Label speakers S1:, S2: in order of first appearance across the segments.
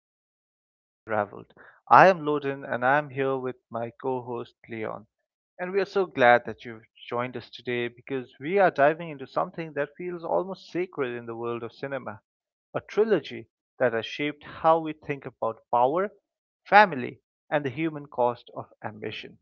S1: to Cinema Unraveled. I am Loden, and I'm here with my co host Leon. And we are so glad that you've joined us today because we are diving into something that feels almost sacred in the world of cinema, a trilogy that has shaped how we think about power, family, and the human cost of ambition.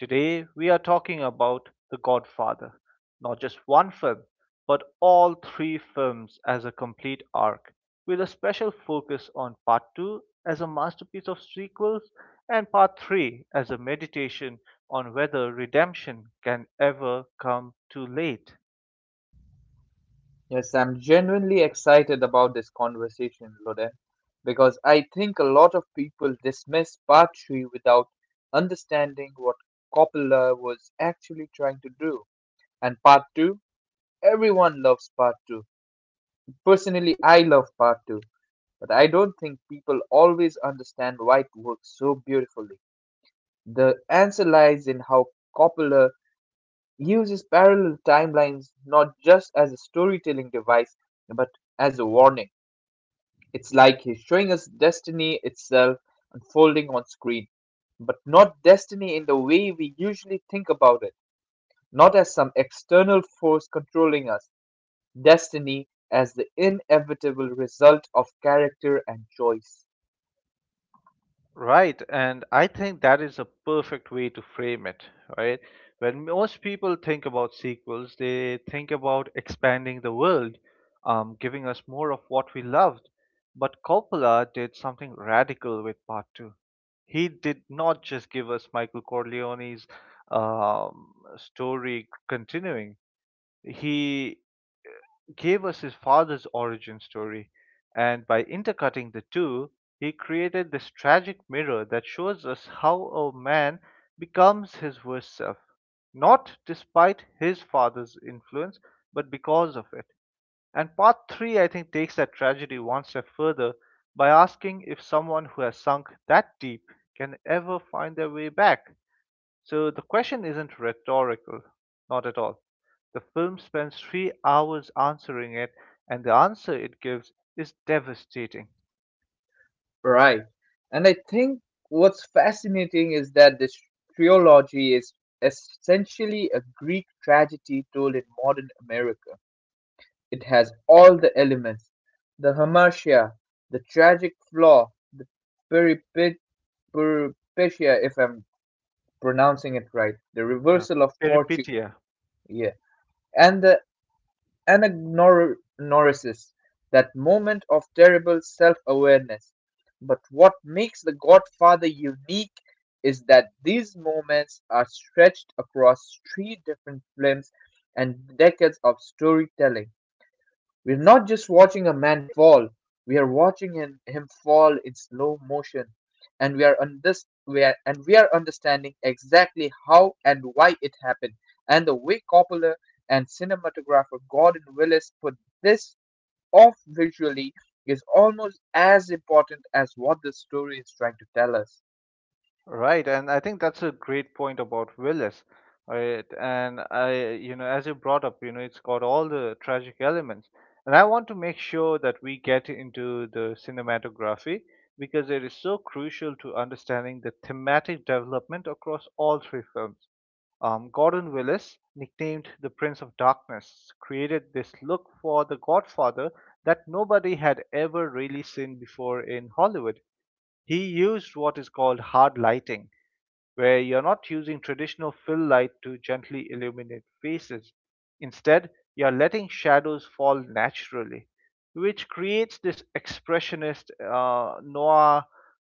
S1: Today, we are talking about The Godfather, not just one film, but all three films as a complete arc, with a special focus on Part 2 as a masterpiece of sequels and Part 3 as a meditation on whether redemption can ever come too late.
S2: Yes, I'm genuinely excited about this conversation, Loden, because I think a lot of people dismiss Part Three without understanding what Coppola was actually trying to do. And part two, everyone loves part two. Personally, I love part two, but I don't think people always understand why it works so beautifully. The answer lies in how Coppola uses parallel timelines not just as a storytelling device, but as a warning. It's like he's showing us destiny itself unfolding on screen, but not destiny in the way we usually think about it, not as some external force controlling us, destiny as the inevitable result of character and choice.
S1: Right, and I think that is a perfect way to frame it, right? When most people think about sequels, they think about expanding the world, giving us more of what we loved. But Coppola did something radical with part two. He did not just give us Michael Corleone's um, story continuing. He gave us his father's origin story, and by intercutting the two, he created this tragic mirror that shows us how a man becomes his worst self, not despite his father's influence, but because of it. And part three, I think, takes that tragedy one step further by asking if someone who has sunk that deep can ever find their way back. So the question isn't rhetorical, not at all. The film spends 3 hours answering it, and the answer it gives is devastating.
S2: Right. And I think what's fascinating is that this trilogy is essentially a Greek tragedy told in modern America. It has all the elements: the hamartia, the tragic flaw, the peripecia if I'm pronouncing it right, the
S1: Yeah.
S2: reversal of fortune,
S1: Peripetia.
S2: yeah, and the anagnorisis, that moment of terrible self-awareness. But what makes The Godfather unique is that these moments are stretched across three different films and decades of storytelling. We're not just watching a man fall, we are watching him fall in slow motion. And we are under, we are, and we are understanding exactly how and why it happened. And the way Coppola and cinematographer Gordon Willis put this off visually is almost as important as what the story is trying to tell us.
S1: Right, and I think that's a great point about Willis. Right, and I, you know, as you brought up, you know, it's got all the tragic elements, and I want to make sure that we get into the cinematography because it is so crucial to understanding the thematic development across all three films. Gordon Willis, nicknamed the Prince of Darkness, created this look for The Godfather that nobody had ever really seen before in Hollywood. He used what is called hard lighting, where you're not using traditional fill light to gently illuminate faces. Instead, you're letting shadows fall naturally, which creates this expressionist noir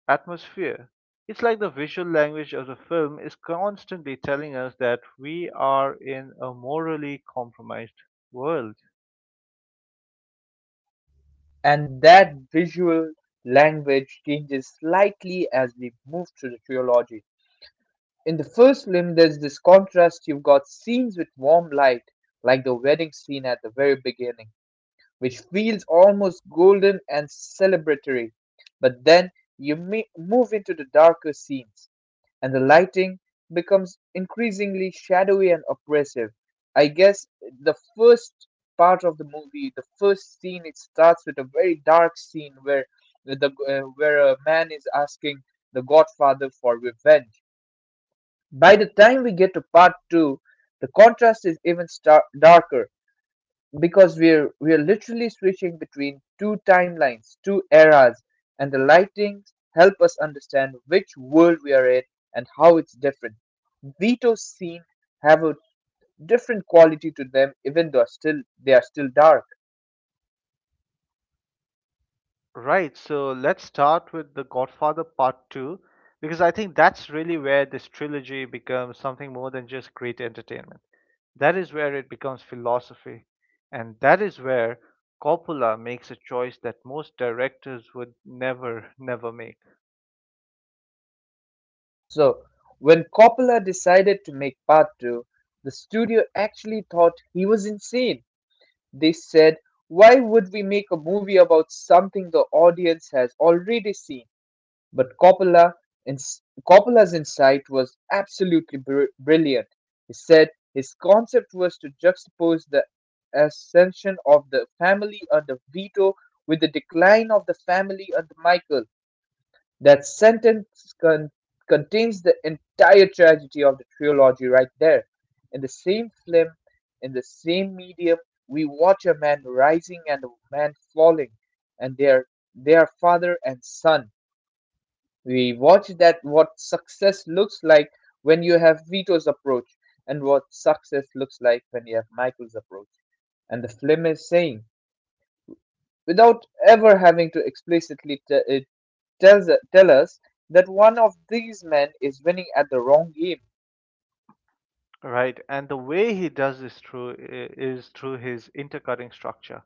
S1: atmosphere. It's like the visual language of the film is constantly telling us that we are in a morally compromised world.
S2: And that visual language changes slightly as we move through the trilogy. In the first film, there's this contrast. You've got scenes with warm light, like the wedding scene at the very beginning, which feels almost golden and celebratory. But then you move into the darker scenes, and the lighting becomes increasingly shadowy and oppressive. I guess the first part of the movie, the first scene, it starts with a very dark scene where a man is asking the Godfather for revenge. By the time we get to part two, the contrast is even darker because we're literally switching between two timelines, two eras, and the lightings help us understand which world we are in and how it's different. Veto's scenes have a different quality to them, even though still they are still dark.
S1: Right, so let's start with The Godfather Part 2 because I think that's really where this trilogy becomes something more than just great entertainment. That is where it becomes philosophy, and that is where Coppola makes a choice that most directors would never, never make,
S2: So when Coppola decided to make part two, the studio actually thought he was insane. They said, "Why would we make a movie about something the audience has already seen?" But Coppola, ins- Coppola's insight was absolutely brilliant. He said his concept was to juxtapose the ascension of the family under Vito with the decline of the family under Michael. That sentence contains the entire tragedy of the trilogy right there. In the same film, in the same medium, we watch a man rising and a man falling, and they are father and son. We watch that what success looks like when you have Vito's approach, and what success looks like when you have Michael's approach. And the film is saying, without ever having to explicitly tell us that one of these men is winning at the wrong game.
S1: right? And the way he does this through is through his intercutting structure.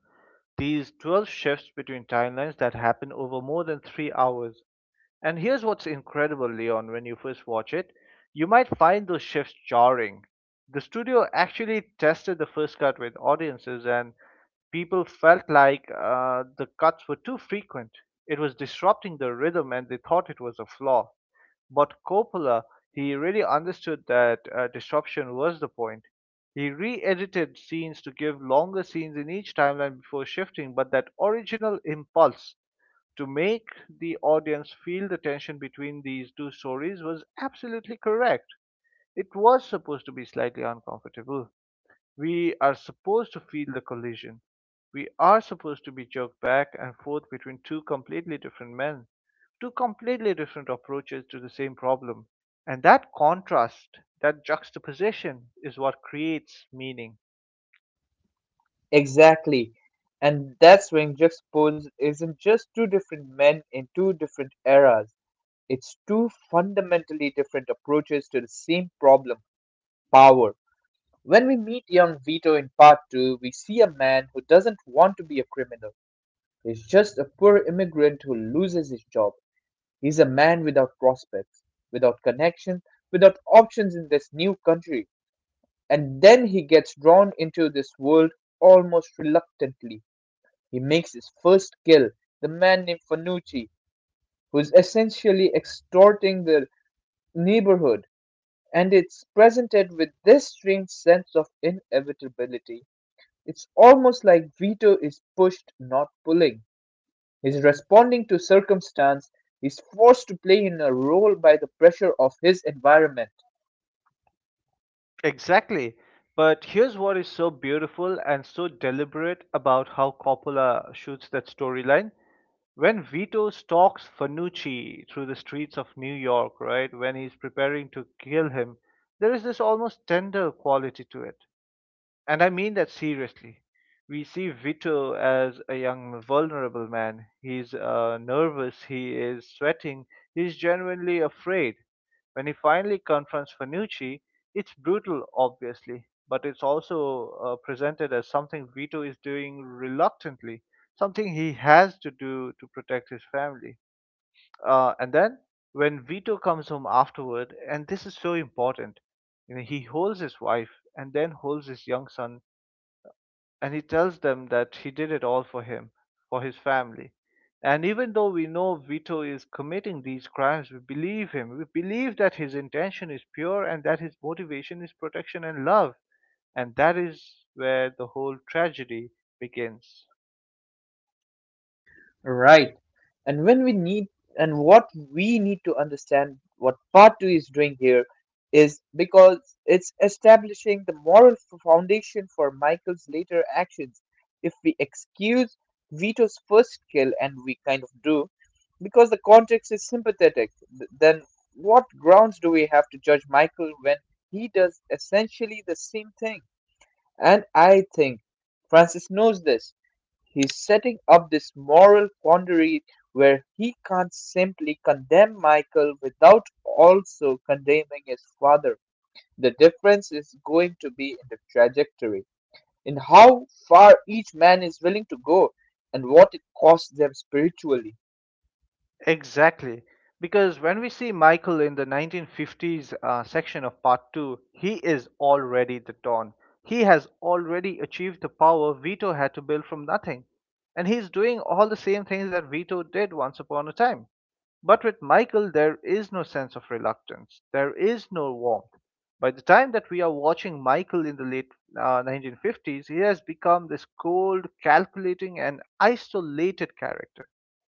S1: These 12 shifts between timelines that happen over more than 3 hours. And here's what's incredible, Leon, when you first watch it, you might find those shifts jarring. The studio actually tested the first cut with audiences, and people felt like the cuts were too frequent. It was disrupting the rhythm and they thought it was a flaw. But Coppola, he really understood that disruption was the point. He re edited scenes to give longer scenes in each timeline before shifting, but that original impulse to make the audience feel the tension between these two stories was absolutely correct. It was supposed to be slightly uncomfortable. We are supposed to feel the collision. We are supposed to be jerked back and forth between two completely different men, two completely different approaches to the same problem. And that contrast, that juxtaposition, is what creates meaning.
S2: Exactly. And that's when juxtaposed isn't just two different men in two different eras. It's two fundamentally different approaches to the same problem, power. When we meet young Vito in part two, we see a man who doesn't want to be a criminal. He's just a poor immigrant who loses his job. He's a man without prospects, without connections, without options in this new country. And then he gets drawn into this world almost reluctantly. He makes his first kill, the man named Fanucci, who's essentially extorting the neighborhood. And it's presented with this strange sense of inevitability. It's almost like Vito is pushed, not pulling. He's responding to circumstance. He's forced to play in a role by the pressure of his environment.
S1: Exactly. But here's what is so beautiful and so deliberate about how Coppola shoots that storyline. When Vito stalks Fanucci through the streets of New York, right, when he's preparing to kill him, there is this almost tender quality to it. And I mean that seriously. We see Vito as a young, vulnerable man. He's nervous, he is sweating, he's genuinely afraid. When he finally confronts Fanucci, it's brutal, obviously, but it's also presented as something Vito is doing reluctantly, something he has to do to protect his family. And then when Vito comes home afterward, and this is so important, you know, he holds his wife and then holds his young son and he tells them that he did it all for him, for his family. And even though we know Vito is committing these crimes, we believe him. We believe that his intention is pure and that his motivation is protection and love. And that is where the whole tragedy begins.
S2: Right. And when we need and what we need to understand what part two is doing here is because it's establishing the moral foundation for Michael's later actions. If we excuse Vito's first kill, and we kind of do, because the context is sympathetic, then what grounds do we have to judge Michael when he does essentially the same thing? And I think Francis knows this. He's setting up this moral quandary where he can't simply condemn Michael without also condemning his father. The difference is going to be in the trajectory, in how far each man is willing to go, and what it costs them spiritually.
S1: Exactly. Because when we see Michael in the 1950s section of part 2, he is already the Don. He has already achieved the power Vito had to build from nothing. And he's doing all the same things that Vito did once upon a time. But with Michael, there is no sense of reluctance. There is no warmth. By the time that we are watching Michael in the late 1950s, he has become this cold, calculating, and isolated character.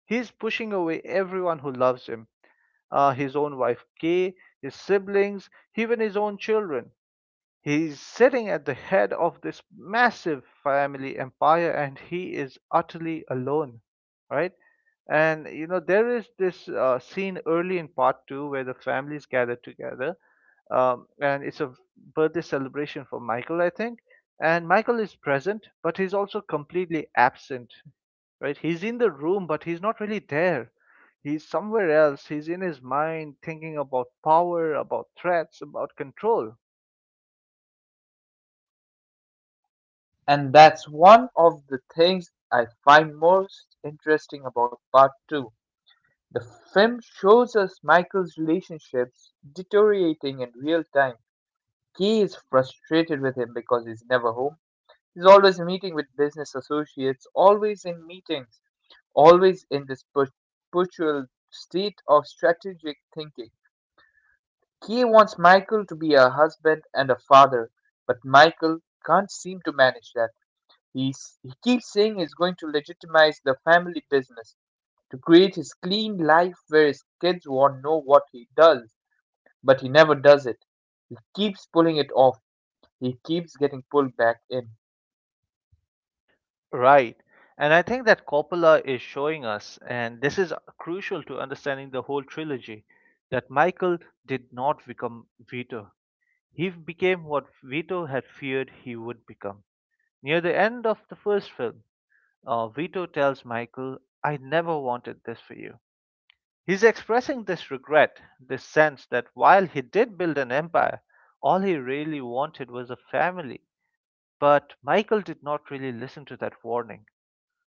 S1: He's pushing away everyone who loves him, his own wife, Kay, his siblings, even his own children. He's sitting at the head of this massive family empire and he is utterly alone, right? And you know, there is this scene early in part two where the families gather together, and it's a birthday celebration for Michael, I think. And Michael is present, but he's also completely absent. Right, he's in the room but he's not really there. He's somewhere else. He's in his mind thinking about power, about threats, about control.
S2: And that's one of the things I find most interesting about part two. The film shows us Michael's relationships deteriorating in real time. Key is frustrated with him because he's never home. He's always meeting with business associates, always in meetings, always in this perpetual state of strategic thinking. Key wants Michael to be a husband and a father, but Michael can't seem to manage that. He keeps saying he's going to legitimize the family business, to create his clean life where his kids won't know what he does, but he never does it. He keeps pulling it off. He keeps getting pulled back in.
S1: Right. And I think that Coppola is showing us, and this is crucial to understanding the whole trilogy, that Michael did not become Vito. He became what Vito had feared he would become. Near the end of the first film, Vito tells Michael, I never wanted this for you. He's expressing this regret, this sense that while he did build an empire, all he really wanted was a family. But Michael did not really listen to that warning.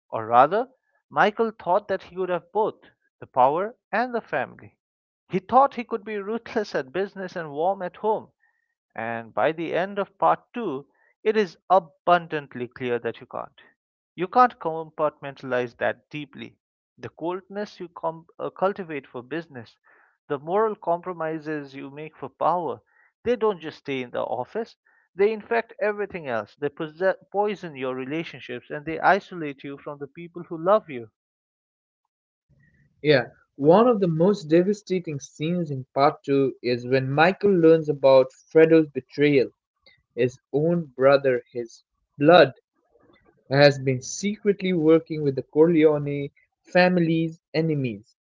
S1: Or rather, Michael thought that he could have both the power and the family. He thought he could be ruthless at business and warm at home. And by the end of part two, it is abundantly clear that you can't. You can't compartmentalize that deeply. The coldness you cultivate for business, the moral compromises you make for power, they don't just stay in the office. They infect everything else. They poison your relationships and they isolate you from the people who love you.
S2: Yeah, one of the most devastating scenes in part two is when Michael learns about Fredo's betrayal. His own brother, his blood, has been secretly working with the Corleone family's enemies.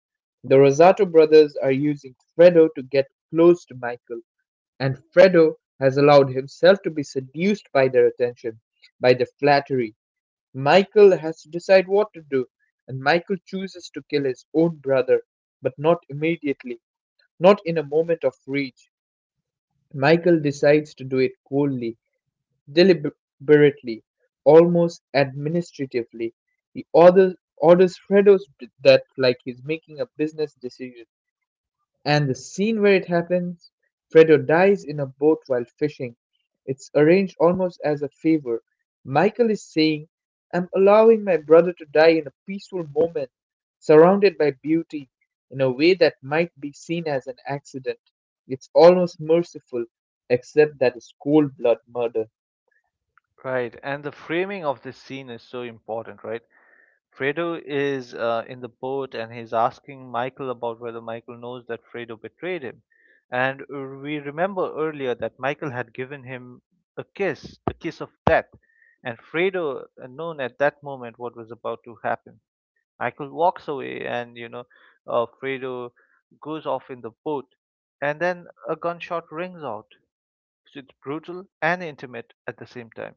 S2: The Rosato brothers are using Fredo to get close to Michael, and Fredo has allowed himself to be seduced by their attention, by their flattery. Michael has to decide what to do, and Michael chooses to kill his own brother, but not immediately, not in a moment of rage. Michael decides to do it coldly, deliberately, almost administratively. He orders Fredo to that like he's making a business decision. And the scene where it happens, Fredo dies in a boat while fishing. It's arranged almost as a favor. Michael is saying, I'm allowing my brother to die in a peaceful moment, surrounded by beauty, in a way that might be seen as an accident. It's almost merciful, except that it's cold blood murder.
S1: Right, and the framing of this scene is so important, right? Fredo is in the boat and he's asking Michael about whether Michael knows that Fredo betrayed him. And we remember earlier that Michael had given him a kiss, the kiss of death. And Fredo known at that moment what was about to happen. Michael walks away and, you know, Fredo goes off in the boat. And then a gunshot rings out. It's brutal and intimate at the same time.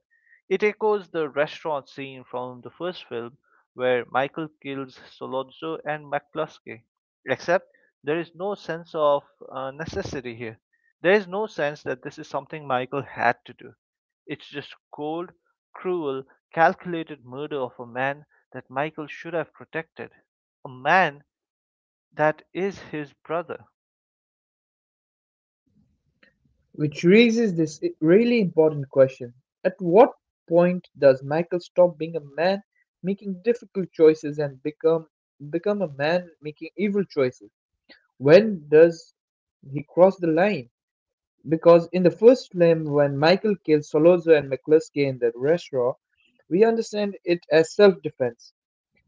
S1: It echoes the restaurant scene from the first film where Michael kills Solozzo and McCluskey, except there is no sense of necessity here. There is no sense that this is something Michael had to do. It's just cold, cruel, calculated murder of a man that Michael should have protected, a man that is his brother.
S2: Which raises this really important question. At what point does Michael stop being a man making difficult choices and become a man making evil choices? When does he cross the line? Because in the first film, when Michael kills Solozo and McCluskey in the restaurant, we understand it as self defense.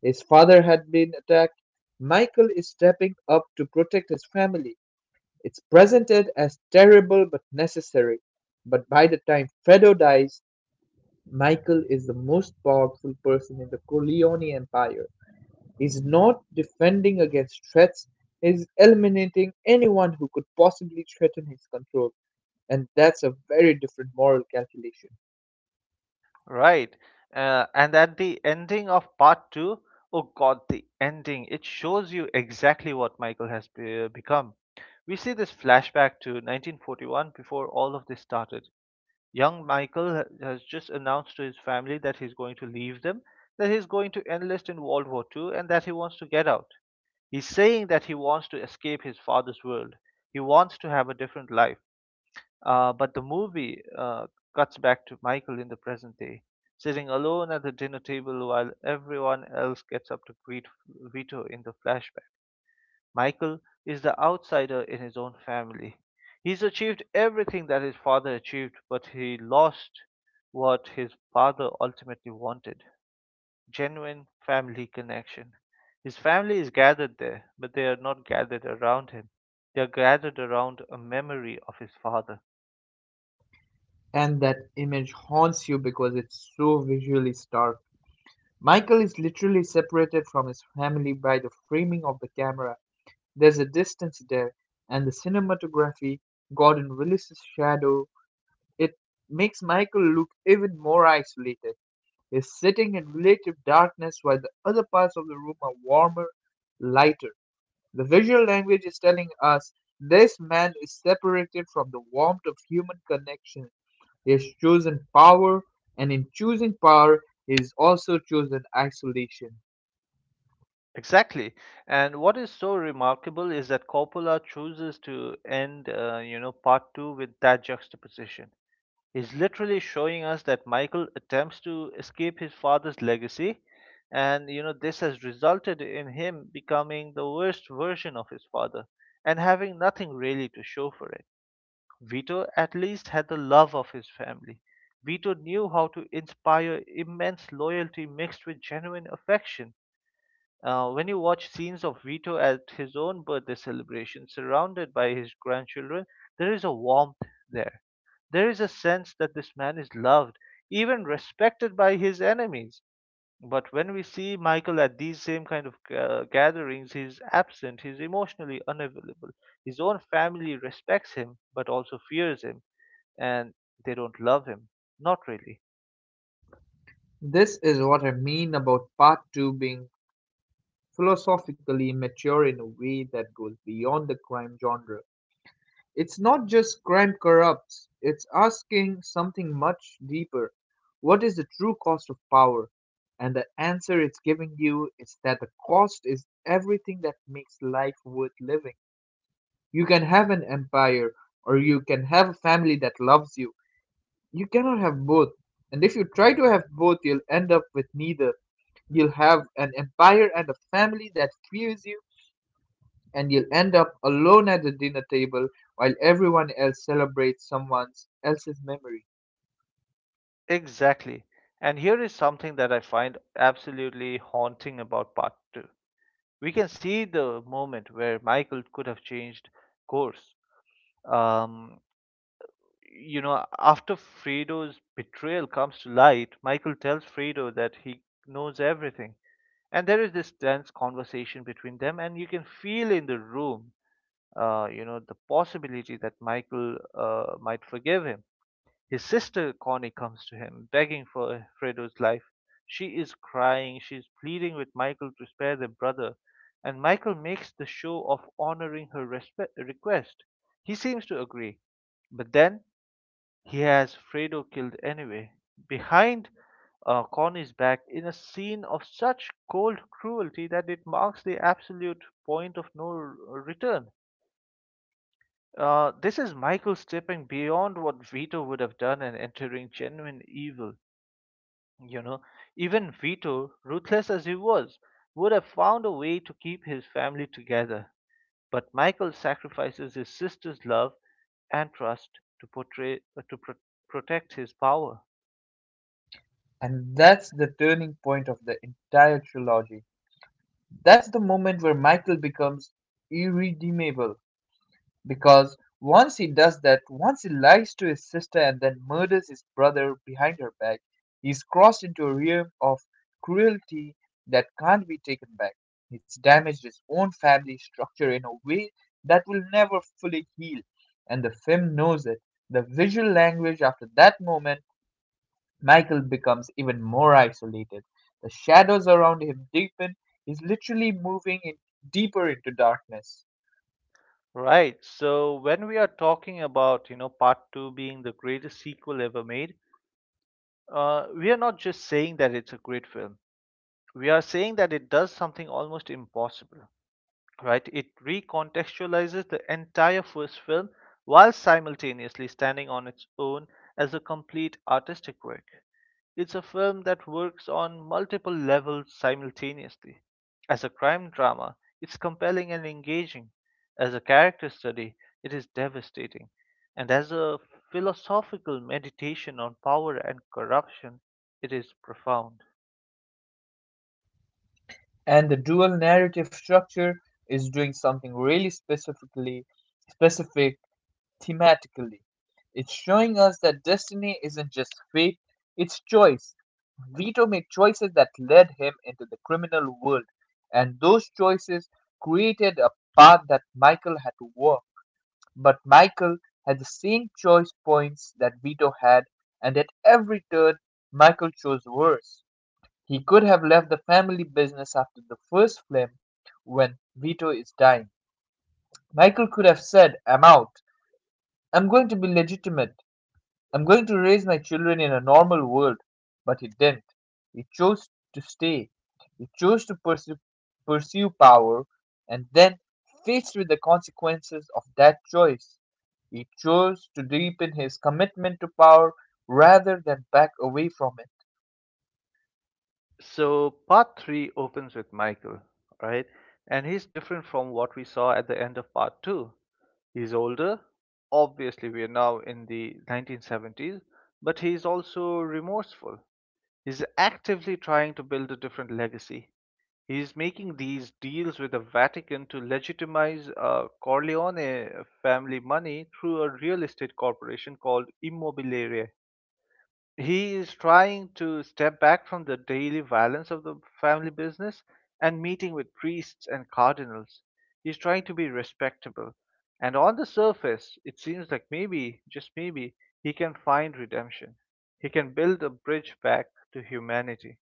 S2: His father had been attacked. Michael is stepping up to protect his family. It's presented as terrible but necessary, but by the time Fredo dies, Michael is the most powerful person in the Corleone Empire. He's not defending against threats, he's eliminating anyone who could possibly threaten his control. And that's a very different moral calculation.
S1: Right. And at the ending of part two, oh God, the ending, it shows you exactly what Michael has become. We see this flashback to 1941 before all of this started. Young Michael has just announced to his family that he's going to leave them, that he's going to enlist in World War II, and that he wants to get out. He's saying that he wants to escape his father's world. He wants to have a different life. But the movie cuts back to Michael in the present day, sitting alone at the dinner table while everyone else gets up to greet Vito in the flashback. Michael is the outsider in his own family. He's achieved everything that his father achieved, but he lost what his father ultimately wanted, genuine family connection. His family is gathered there, but they are not gathered around him. They are gathered around a memory of his father.
S2: And that image haunts you because it's so visually stark. Michael is literally separated from his family by the framing of the camera. There's a distance there, and the cinematography, Gordon Willis's shadow, it makes Michael look even more isolated. He's sitting in relative darkness while the other parts of the room are warmer, lighter. The visual language is telling us this man is separated from the warmth of human connection. He has chosen power, and in choosing power, he has also chosen isolation.
S1: Exactly. And what is so remarkable is that Coppola chooses to end, you know, part two with that juxtaposition. He's literally showing us that Michael attempts to escape his father's legacy, and you know this has resulted in him becoming the worst version of his father and having nothing really to show for it. Vito at least had the love of his family. Vito knew how to inspire immense loyalty mixed with genuine affection. When you watch scenes of Vito at his own birthday celebration, surrounded by his grandchildren, there is a warmth there. There is a sense that this man is loved, even respected by his enemies. But when we see Michael at these same kind of gatherings, he's absent, he's emotionally unavailable. His own family respects him, but also fears him, and they don't love him. Not really.
S2: This is what I mean about part two being philosophically mature in a way that goes beyond the crime genre. It's not just crime corrupts, it's asking something much deeper. What is the true cost of power? And the answer it's giving you is that the cost is everything that makes life worth living. You can have an empire or you can have a family that loves you. You cannot have both. And if you try to have both, you'll end up with neither. You'll have an empire and a family that fears you, and you'll end up alone at the dinner table while everyone else celebrates someone else's memory.
S1: Exactly. And here is something that I find absolutely haunting about part two. We can see the moment where Michael could have changed course. Um, After Fredo's betrayal comes to light, Michael tells Fredo that he knows everything. And there is this tense conversation between them, and you can feel in the room, the possibility that Michael might forgive him. His sister Connie comes to him, begging for Fredo's life. She is crying, she is pleading with Michael to spare their brother, and Michael makes the show of honoring her request. He seems to agree, but then he has Fredo killed anyway. Behind Connie's back, in a scene of such cold cruelty that it marks the absolute point of no return. This is Michael stepping beyond what Vito would have done and entering genuine evil. You know, even Vito, ruthless as he was, would have found a way to keep his family together. But Michael sacrifices his sister's love and trust to portray protect his power.
S2: And that's the turning point of the entire trilogy. That's the moment where Michael becomes irredeemable. Because once he does that, once he lies to his sister and then murders his brother behind her back, he's crossed into a realm of cruelty that can't be taken back. He's damaged his own family structure in a way that will never fully heal, and the film knows it. The visual language after that moment, Michael becomes even more isolated. The shadows around him deepen, he's literally moving in deeper into darkness.
S1: Right. So when we are talking about, you know, part two being the greatest sequel ever made, we are not just saying that it's a great film. We are saying that it does something almost impossible, right? It recontextualizes the entire first film while simultaneously standing on its own as a complete artistic work. It's a film that works on multiple levels simultaneously. As a crime drama, it's compelling and engaging. As a character study, it is devastating. And as a philosophical meditation on power and corruption, it is profound.
S2: And the dual narrative structure is doing something really specific thematically. It's showing us that destiny isn't just fate, it's choice. Vito made choices that led him into the criminal world, and those choices created a path that Michael had to walk. But Michael had the same choice points that Vito had, and at every turn Michael chose worse. He could have left the family business after the first film, when Vito is dying. Michael could have said, I'm out. I'm going to be legitimate. I'm going to raise my children in a normal world. But he didn't. He chose to stay. He chose to pursue power and then faced with the consequences of that choice. He chose to deepen his commitment to power rather than back away from it.
S1: So part three opens with Michael, right? And he's different from what we saw at the end of part two. He's older. Obviously, we are now in the 1970s, but he's also remorseful. He's actively trying to build a different legacy. He's making these deals with the Vatican to legitimize Corleone family money through a real estate corporation called Immobiliare. He is trying to step back from the daily violence of the family business and meeting with priests and cardinals. He's trying to be respectable. And on the surface, it seems like maybe, just maybe, he can find redemption. He can build a bridge back to humanity.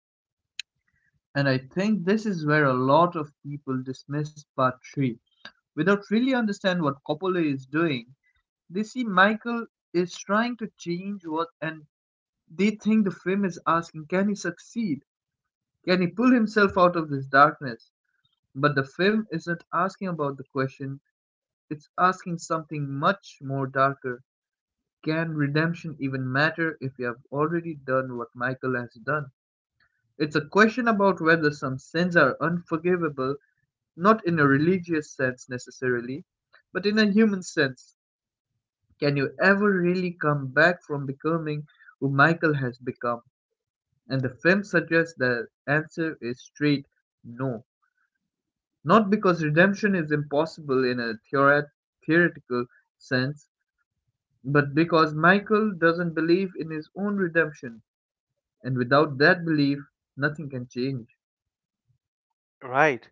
S2: And I think this is where a lot of people dismiss part three without really understand what Coppola is doing. They see Michael is trying to change what, and they think the film is asking, can he succeed? Can he pull himself out of this darkness? But the film isn't asking about the question, it's asking something much more darker. Can redemption even matter if you have already done what Michael has done? It's a question about whether some sins are unforgivable. Not in a religious sense necessarily, but in a human sense. Can you ever really come back from becoming who Michael has become? And the film suggests the answer is straight no. Not because redemption is impossible in a theoretical sense, but because Michael doesn't believe in his own redemption. And without that belief, nothing can change.
S1: Right.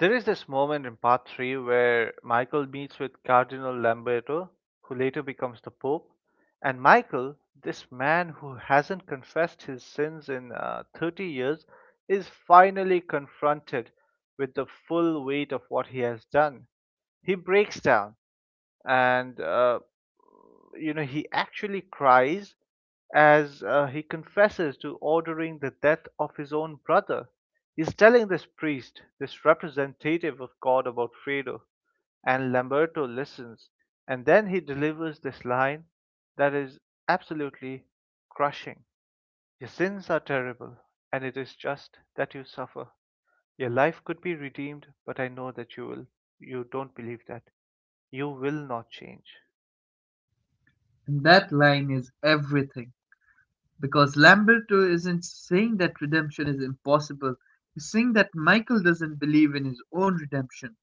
S1: There is this moment in part three where Michael meets with Cardinal Lamberto, who later becomes the Pope. And Michael, this man who hasn't confessed his sins in 30 years, is finally confronted with the full weight of what he has done. He breaks down, and he actually cries as he confesses to ordering the death of his own brother. He's telling this priest, this representative of God, about Fredo, and Lamberto listens. And then he delivers this line that is absolutely crushing. Your sins are terrible, and it is just that you suffer. Your life could be redeemed, but I know that you will. You don't believe that. You will not change.
S2: And that line is everything. Because Lamberto isn't saying that redemption is impossible. He's saying that Michael doesn't believe in his own redemption.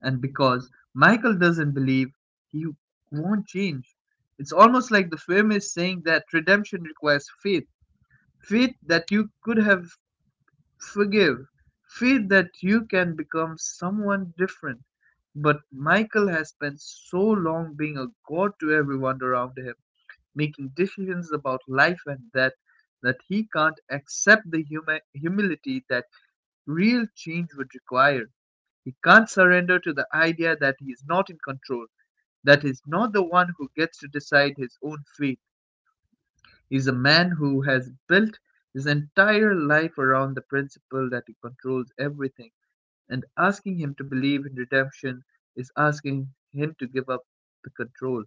S2: And because Michael doesn't believe, he won't change. It's almost like the film is saying that redemption requires faith, faith that you could have forgive, faith that you can become someone different. But Michael has spent so long being a god to everyone around him making decisions about life and death, that he can't accept the humility that real change would require. He can't surrender to the idea that he is not in control, that he's not the one who gets to decide his own fate. He's a man who has built his entire life around the principle that he controls everything, and asking him to believe in redemption is asking him to give up the control.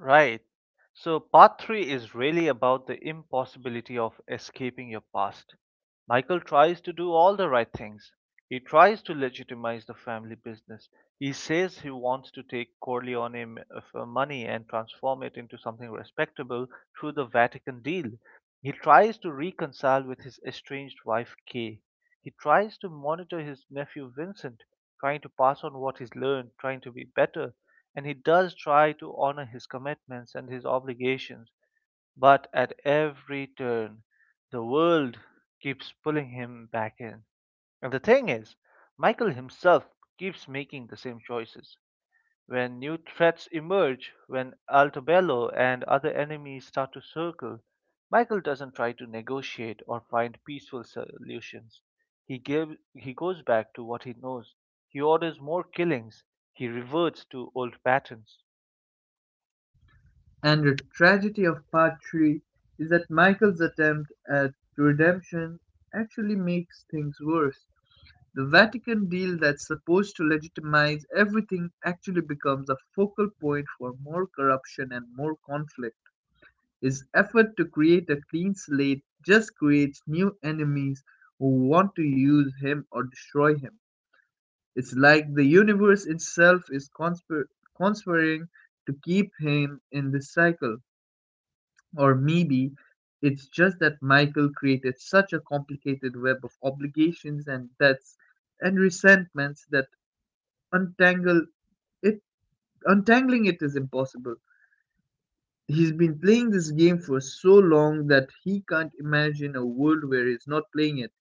S1: Right. So, part three is really about the impossibility of escaping your past. Michael tries to do all the right things. He tries to legitimize the family business. He says he wants to take Corleone money and transform it into something respectable through the Vatican deal. He tries to reconcile with his estranged wife, Kay. He tries to monitor his nephew Vincent, trying to pass on what he's learned, trying to be better, and he does try to honor his commitments and his obligations, but at every turn the world keeps pulling him back in. And the thing is, Michael himself keeps making the same choices. When new threats emerge, when Altobello and other enemies start to circle, Michael doesn't try to negotiate or find peaceful solutions. He give, he goes back to what he knows. He orders more killings. He reverts to old patterns.
S2: And the tragedy of part three is that Michael's attempt at redemption actually makes things worse. The Vatican deal that's supposed to legitimize everything actually becomes a focal point for more corruption and more conflict. His effort to create a clean slate just creates new enemies who want to use him or destroy him. It's like the universe itself is conspiring to keep him in this cycle. Or maybe it's just that Michael created such a complicated web of obligations and debts and resentments that untangle it untangling it is impossible. He's been playing this game for so long that he can't imagine a world where he's not playing it,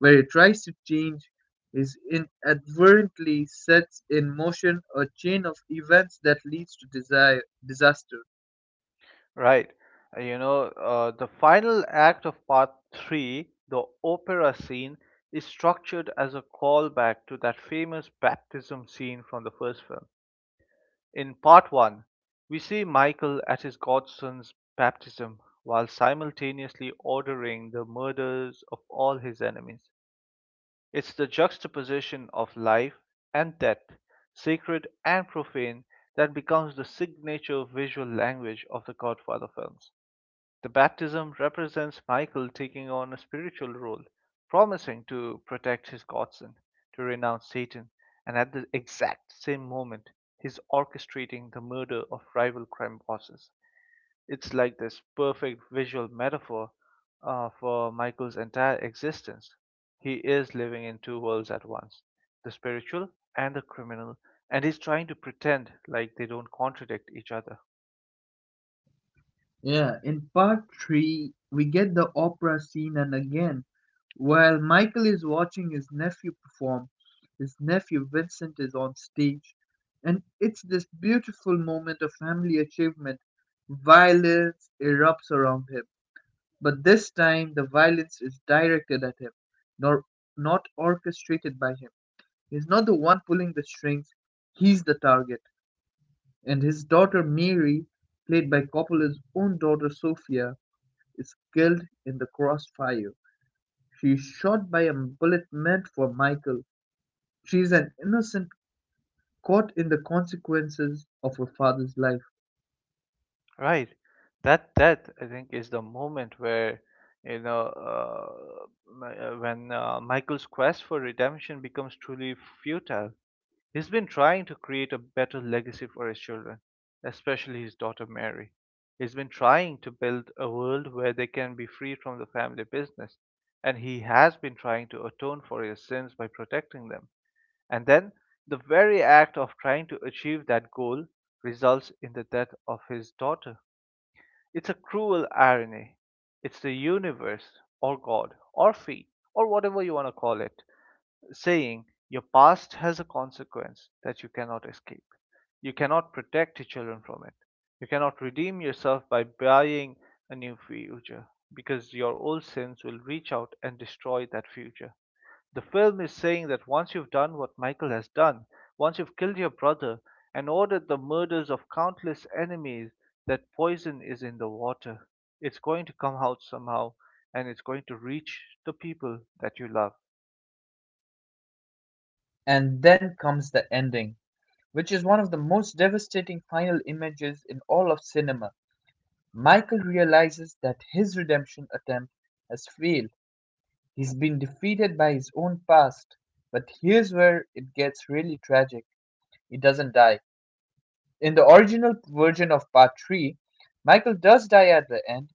S2: where he tries to change is inadvertently sets in motion a chain of events that leads to desire disaster.
S1: Right. The final act of part three, the opera scene, is structured as a callback to that famous baptism scene from the first film. In part one, we see Michael at his godson's baptism while simultaneously ordering the murders of all his enemies. It's the juxtaposition of life and death, sacred and profane, that becomes the signature visual language of the Godfather films. The baptism represents Michael taking on a spiritual role, promising to protect his godson, to renounce Satan, and at the exact same moment, he's orchestrating the murder of rival crime bosses. It's like this perfect visual metaphor for Michael's entire existence. He is living in two worlds at once, the spiritual and the criminal, and he's trying to pretend like they don't contradict each other.
S2: Yeah, in part three, we get the opera scene and again, while Michael is watching his nephew perform, his nephew Vincent is on stage, and it's this beautiful moment of family achievement. Violence erupts around him, but this time the violence is directed at him, nor not orchestrated by him. He's not the one pulling the strings, he's the target. And his daughter Mary, played by Coppola's own daughter Sophia, is killed in the crossfire. She is shot by a bullet meant for Michael. She is an innocent caught in the consequences of her father's life.
S1: Right. That I think is the moment where you know Mi- when Michael's quest for redemption becomes truly futile. He's been trying to create a better legacy for his children, especially his daughter Mary. He's been trying to build a world where they can be free from the family business, and he has been trying to atone for his sins by protecting them. And then the very act of trying to achieve that goal results in the death of his daughter. It's a cruel irony. It's the universe, or God, or fate, or whatever you want to call it, saying your past has a consequence that you cannot escape. You cannot protect your children from it. You cannot redeem yourself by buying a new future because your old sins will reach out and destroy that future. The film is saying that once you've done what Michael has done, once you've killed your brother and ordered the murders of countless enemies, that poison is in the water. It's going to come out somehow, and it's going to reach the people that you love.
S2: And then comes the ending, which is one of the most devastating final images in all of cinema. Michael realizes that his redemption attempt has failed. He's been defeated by his own past. But here's where it gets really tragic. He doesn't die. In the original version of part three, Michael does die at the end.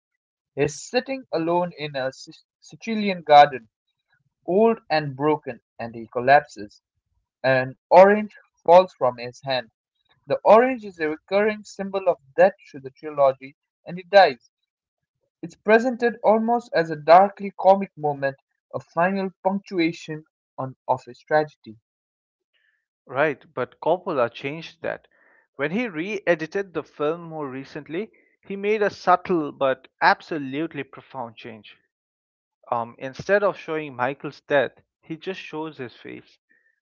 S2: He is sitting alone in a Sicilian garden, old and broken, and he collapses. An orange falls from his hand. The orange is a recurring symbol of death to the trilogy, and he dies. It's presented almost as a darkly comic moment, a final punctuation on of his tragedy.
S1: Right, but Coppola changed that. When he re edited the film more recently, he made a subtle but absolutely profound change. Instead of showing Michael's death, he just shows his face.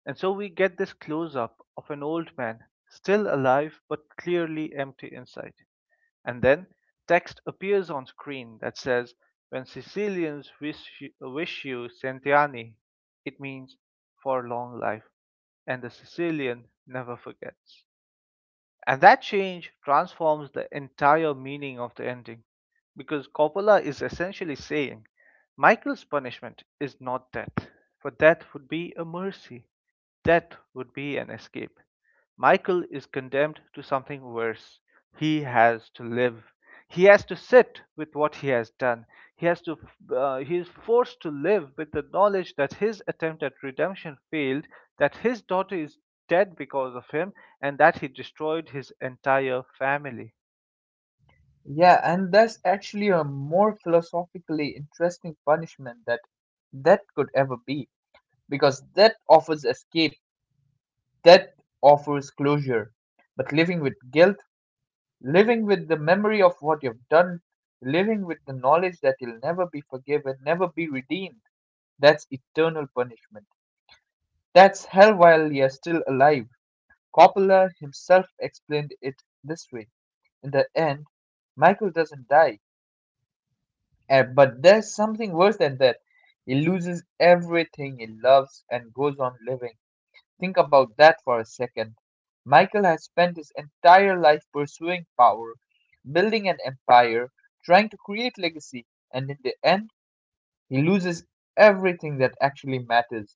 S1: And so we get this close up of an old man, still alive but clearly empty inside. And then text appears on screen that says, "When Sicilians wish you, Centiani, it means for long life, and the Sicilian never forgets." And that change transforms the entire meaning of the ending, because Coppola is essentially saying Michael's punishment is not death, for death would be a mercy, death would be an escape. Michael is condemned to something worse. He has to live. He has to sit with what he has done. He has to. He is forced to live with the knowledge that his attempt at redemption failed, that his daughter is dead because of him, and that he destroyed his entire family.
S2: Yeah, and that's actually a more philosophically interesting punishment that could ever be, because death offers escape, death offers closure. But living with guilt, living with the memory of what you've done, living with the knowledge that you'll never be forgiven, never be redeemed, that's eternal punishment. That's hell while you're still alive. Coppola himself explained it this way. In the end, Michael doesn't die. But there's something worse than that. He loses everything he loves and goes on living. Think about that for a second. Michael has spent his entire life pursuing power, building an empire, trying to create legacy, and in the end, he loses everything that actually matters,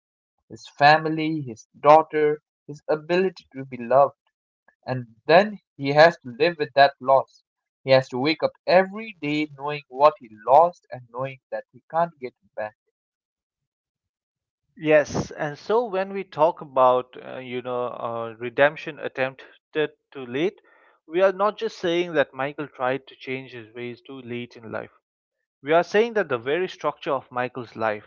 S2: his family, his daughter, his ability to be loved. And then he has to live with that loss. He has to wake up every day knowing what he lost and knowing that he can't get it back.
S1: Yes, and so when we talk about redemption attempted too late, we are not just saying that Michael tried to change his ways too late in life. We are saying that the very structure of Michael's life,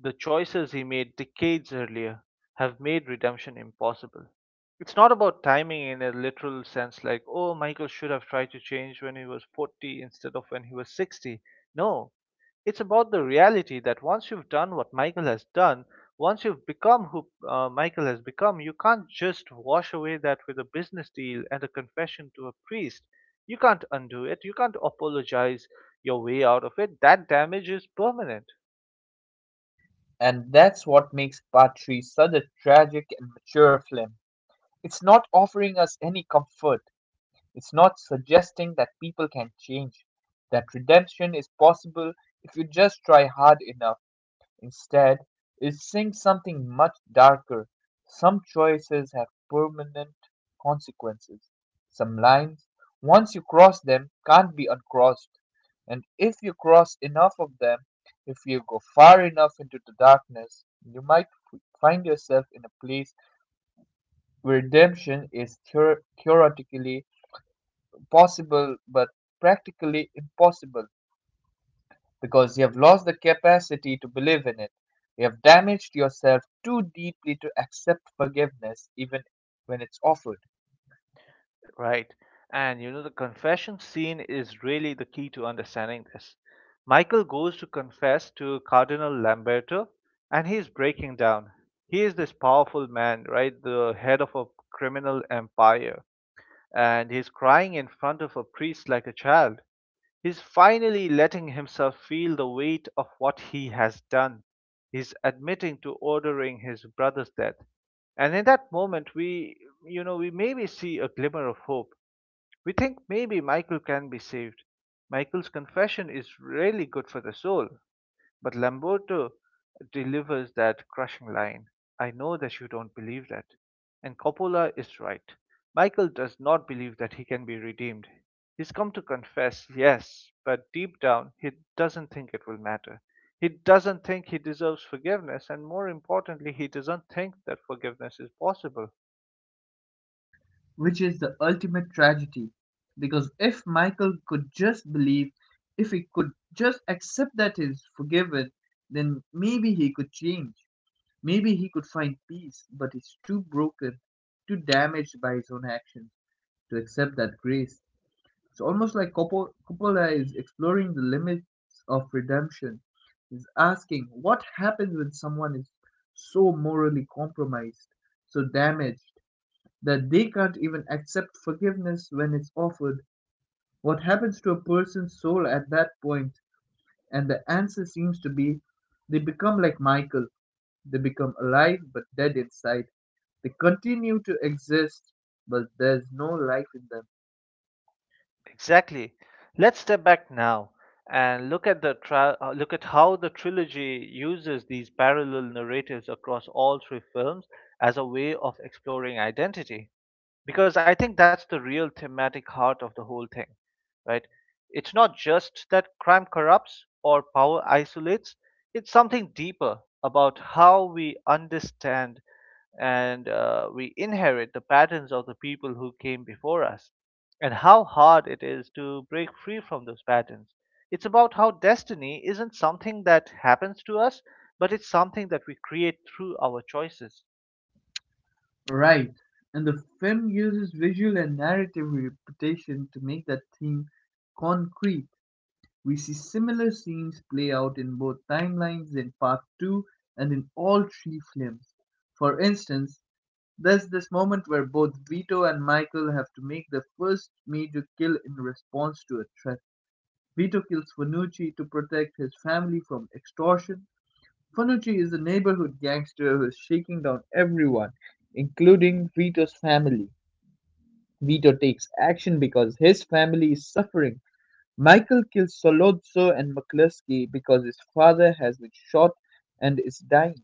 S1: the choices he made decades earlier, have made redemption impossible. It's not about timing in a literal sense, like, oh, Michael should have tried to change when he was 40 instead of when he was 60. No, it's about the reality that once you've done what Michael has done, once you've become who Michael has become, you can't just wash away that with a business deal and a confession to a priest. You can't undo it. You can't apologize your way out of it. That damage is permanent.
S2: And that's what makes Part 3 such a tragic and mature film. It's not offering us any comfort, it's not suggesting that people can change, that redemption is possible if you just try hard enough. Instead, it sings something much darker. Some choices have permanent consequences. Some lines, once you cross them, can't be uncrossed. And if you cross enough of them, if you go far enough into the darkness, you might find yourself in a place where redemption is theoretically possible but practically impossible because you have lost the capacity to believe in it. You have damaged yourself too deeply to accept forgiveness even when it's offered,
S1: Right. And you know, the confession scene is really the key to understanding this. Michael goes to confess to Cardinal Lamberto and he's breaking down. He is this powerful man, right? The head of a criminal empire. And he's crying in front of a priest like a child. He's finally letting himself feel the weight of what he has done. He's admitting to ordering his brother's death. And in that moment, we maybe see a glimmer of hope. We think maybe Michael can be saved. Michael's confession is really good for the soul. But Lamberto delivers that crushing line: I know that you don't believe that. And Coppola is right. Michael does not believe that he can be redeemed. He's come to confess, yes, but deep down he doesn't think it will matter. He doesn't think he deserves forgiveness, and more importantly, he doesn't think that forgiveness is possible.
S2: which is the ultimate tragedy. Because if Michael could just believe, if he could just accept that he's forgiven, then maybe he could change. Maybe he could find peace, but he's too broken, too damaged by his own actions to accept that grace. It's almost like Coppola is exploring the limits of redemption. He's asking what happens when someone is so morally compromised, so damaged, that they can't even accept forgiveness when it's offered? What happens to a person's soul at that point? And the answer seems to be they become like Michael. They become alive but dead inside. They continue to exist, but there's no life in them.
S1: Exactly. Let's step back now and look at the look at how the trilogy uses these parallel narratives across all three films as a way of exploring identity, because I think that's the real thematic heart of the whole thing, right? It's not just that crime corrupts or power isolates, it's something deeper about how we understand and we inherit the patterns of the people who came before us and how hard it is to break free from those patterns. It's about how destiny isn't something that happens to us, but it's something that we create through our choices.
S2: Right. And the film uses visual and narrative repetition to make that theme concrete. We see similar scenes play out in both timelines in part 2 and in all three films. For instance, there's this moment where both Vito and Michael have to make their first major kill in response to a threat. Vito kills Fanucci to protect his family from extortion. Fanucci is a neighborhood gangster who's shaking down everyone, including Vito's family. Vito takes action because his family is suffering. Michael kills Solozzo and McCluskey because his father has been shot and is dying.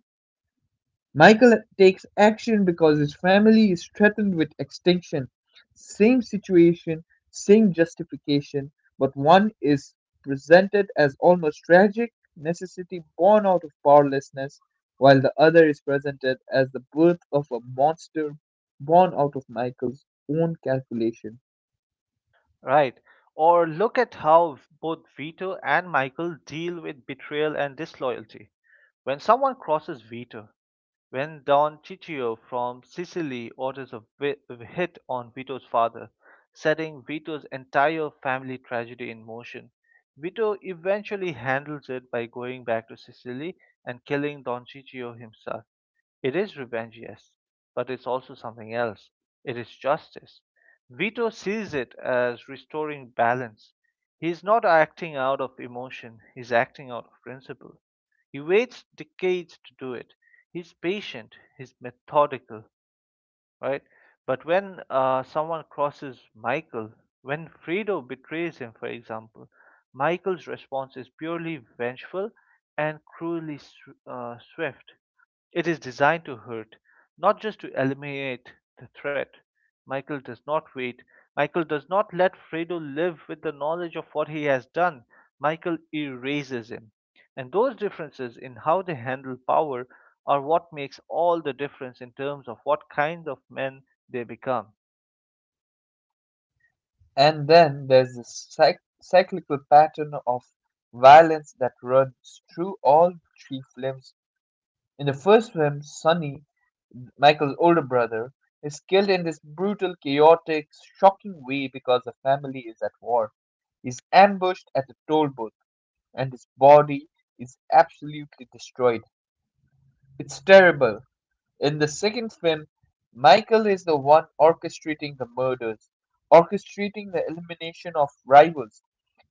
S2: Michael takes action because his family is threatened with extinction. Same situation, same justification, but one is presented as almost tragic necessity born out of powerlessness, while the other is presented as the birth of a monster born out of Michael's own calculation.
S1: Right. Or look at how both Vito and Michael deal with betrayal and disloyalty. When someone crosses Vito, when Don Ciccio from Sicily orders a hit on Vito's father, setting Vito's entire family tragedy in motion, Vito eventually handles it by going back to Sicily and killing Don Ciccio himself. It is revenge, yes, but it's also something else. It is justice. Vito sees it as restoring balance. He is not acting out of emotion, he's acting out of principle. He waits decades to do it. He's patient, he's methodical, right? But when someone crosses Michael, when Fredo betrays him, for example, Michael's response is purely vengeful and cruelly swift. It is designed to hurt, not just to eliminate the threat. Michael does not wait. Michael does not let Fredo live with the knowledge of what he has done. Michael erases him. And those differences in how they handle power are what makes all the difference in terms of what kind of men they become.
S2: And then there's this cyclical pattern of violence that runs through all three films. In the first film, Sonny, Michael's older brother, is killed in this brutal, chaotic, shocking way because the family is at war. He's ambushed at a toll booth, and his body is absolutely destroyed. It's terrible. In the second film, Michael is the one orchestrating the murders, orchestrating the elimination of rivals.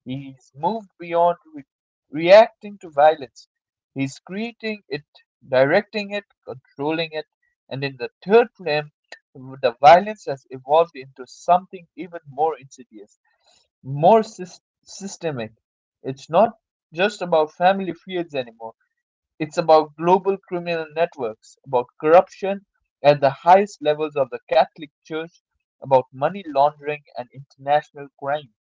S2: He's moved beyond reacting to violence. He's creating it, directing it, controlling it, and in the third film, the violence has evolved into something even more insidious, more systemic. It's not just about family feuds anymore. It's about global criminal networks, about corruption at the highest levels of the Catholic Church, about money laundering and international crime.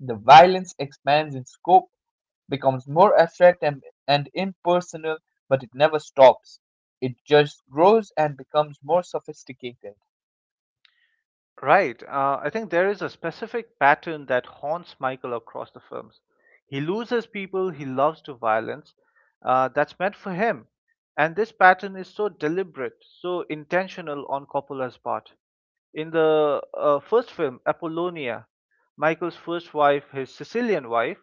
S2: The violence expands in scope, becomes more abstract and impersonal, but it never stops. It just grows and becomes more sophisticated.
S1: Right. I think there is a specific pattern that haunts Michael across the films. He loses people he loves to violence. That's meant for him. And this pattern is so deliberate, so intentional on Coppola's part. In the first film, Apollonia, Michael's first wife, his Sicilian wife,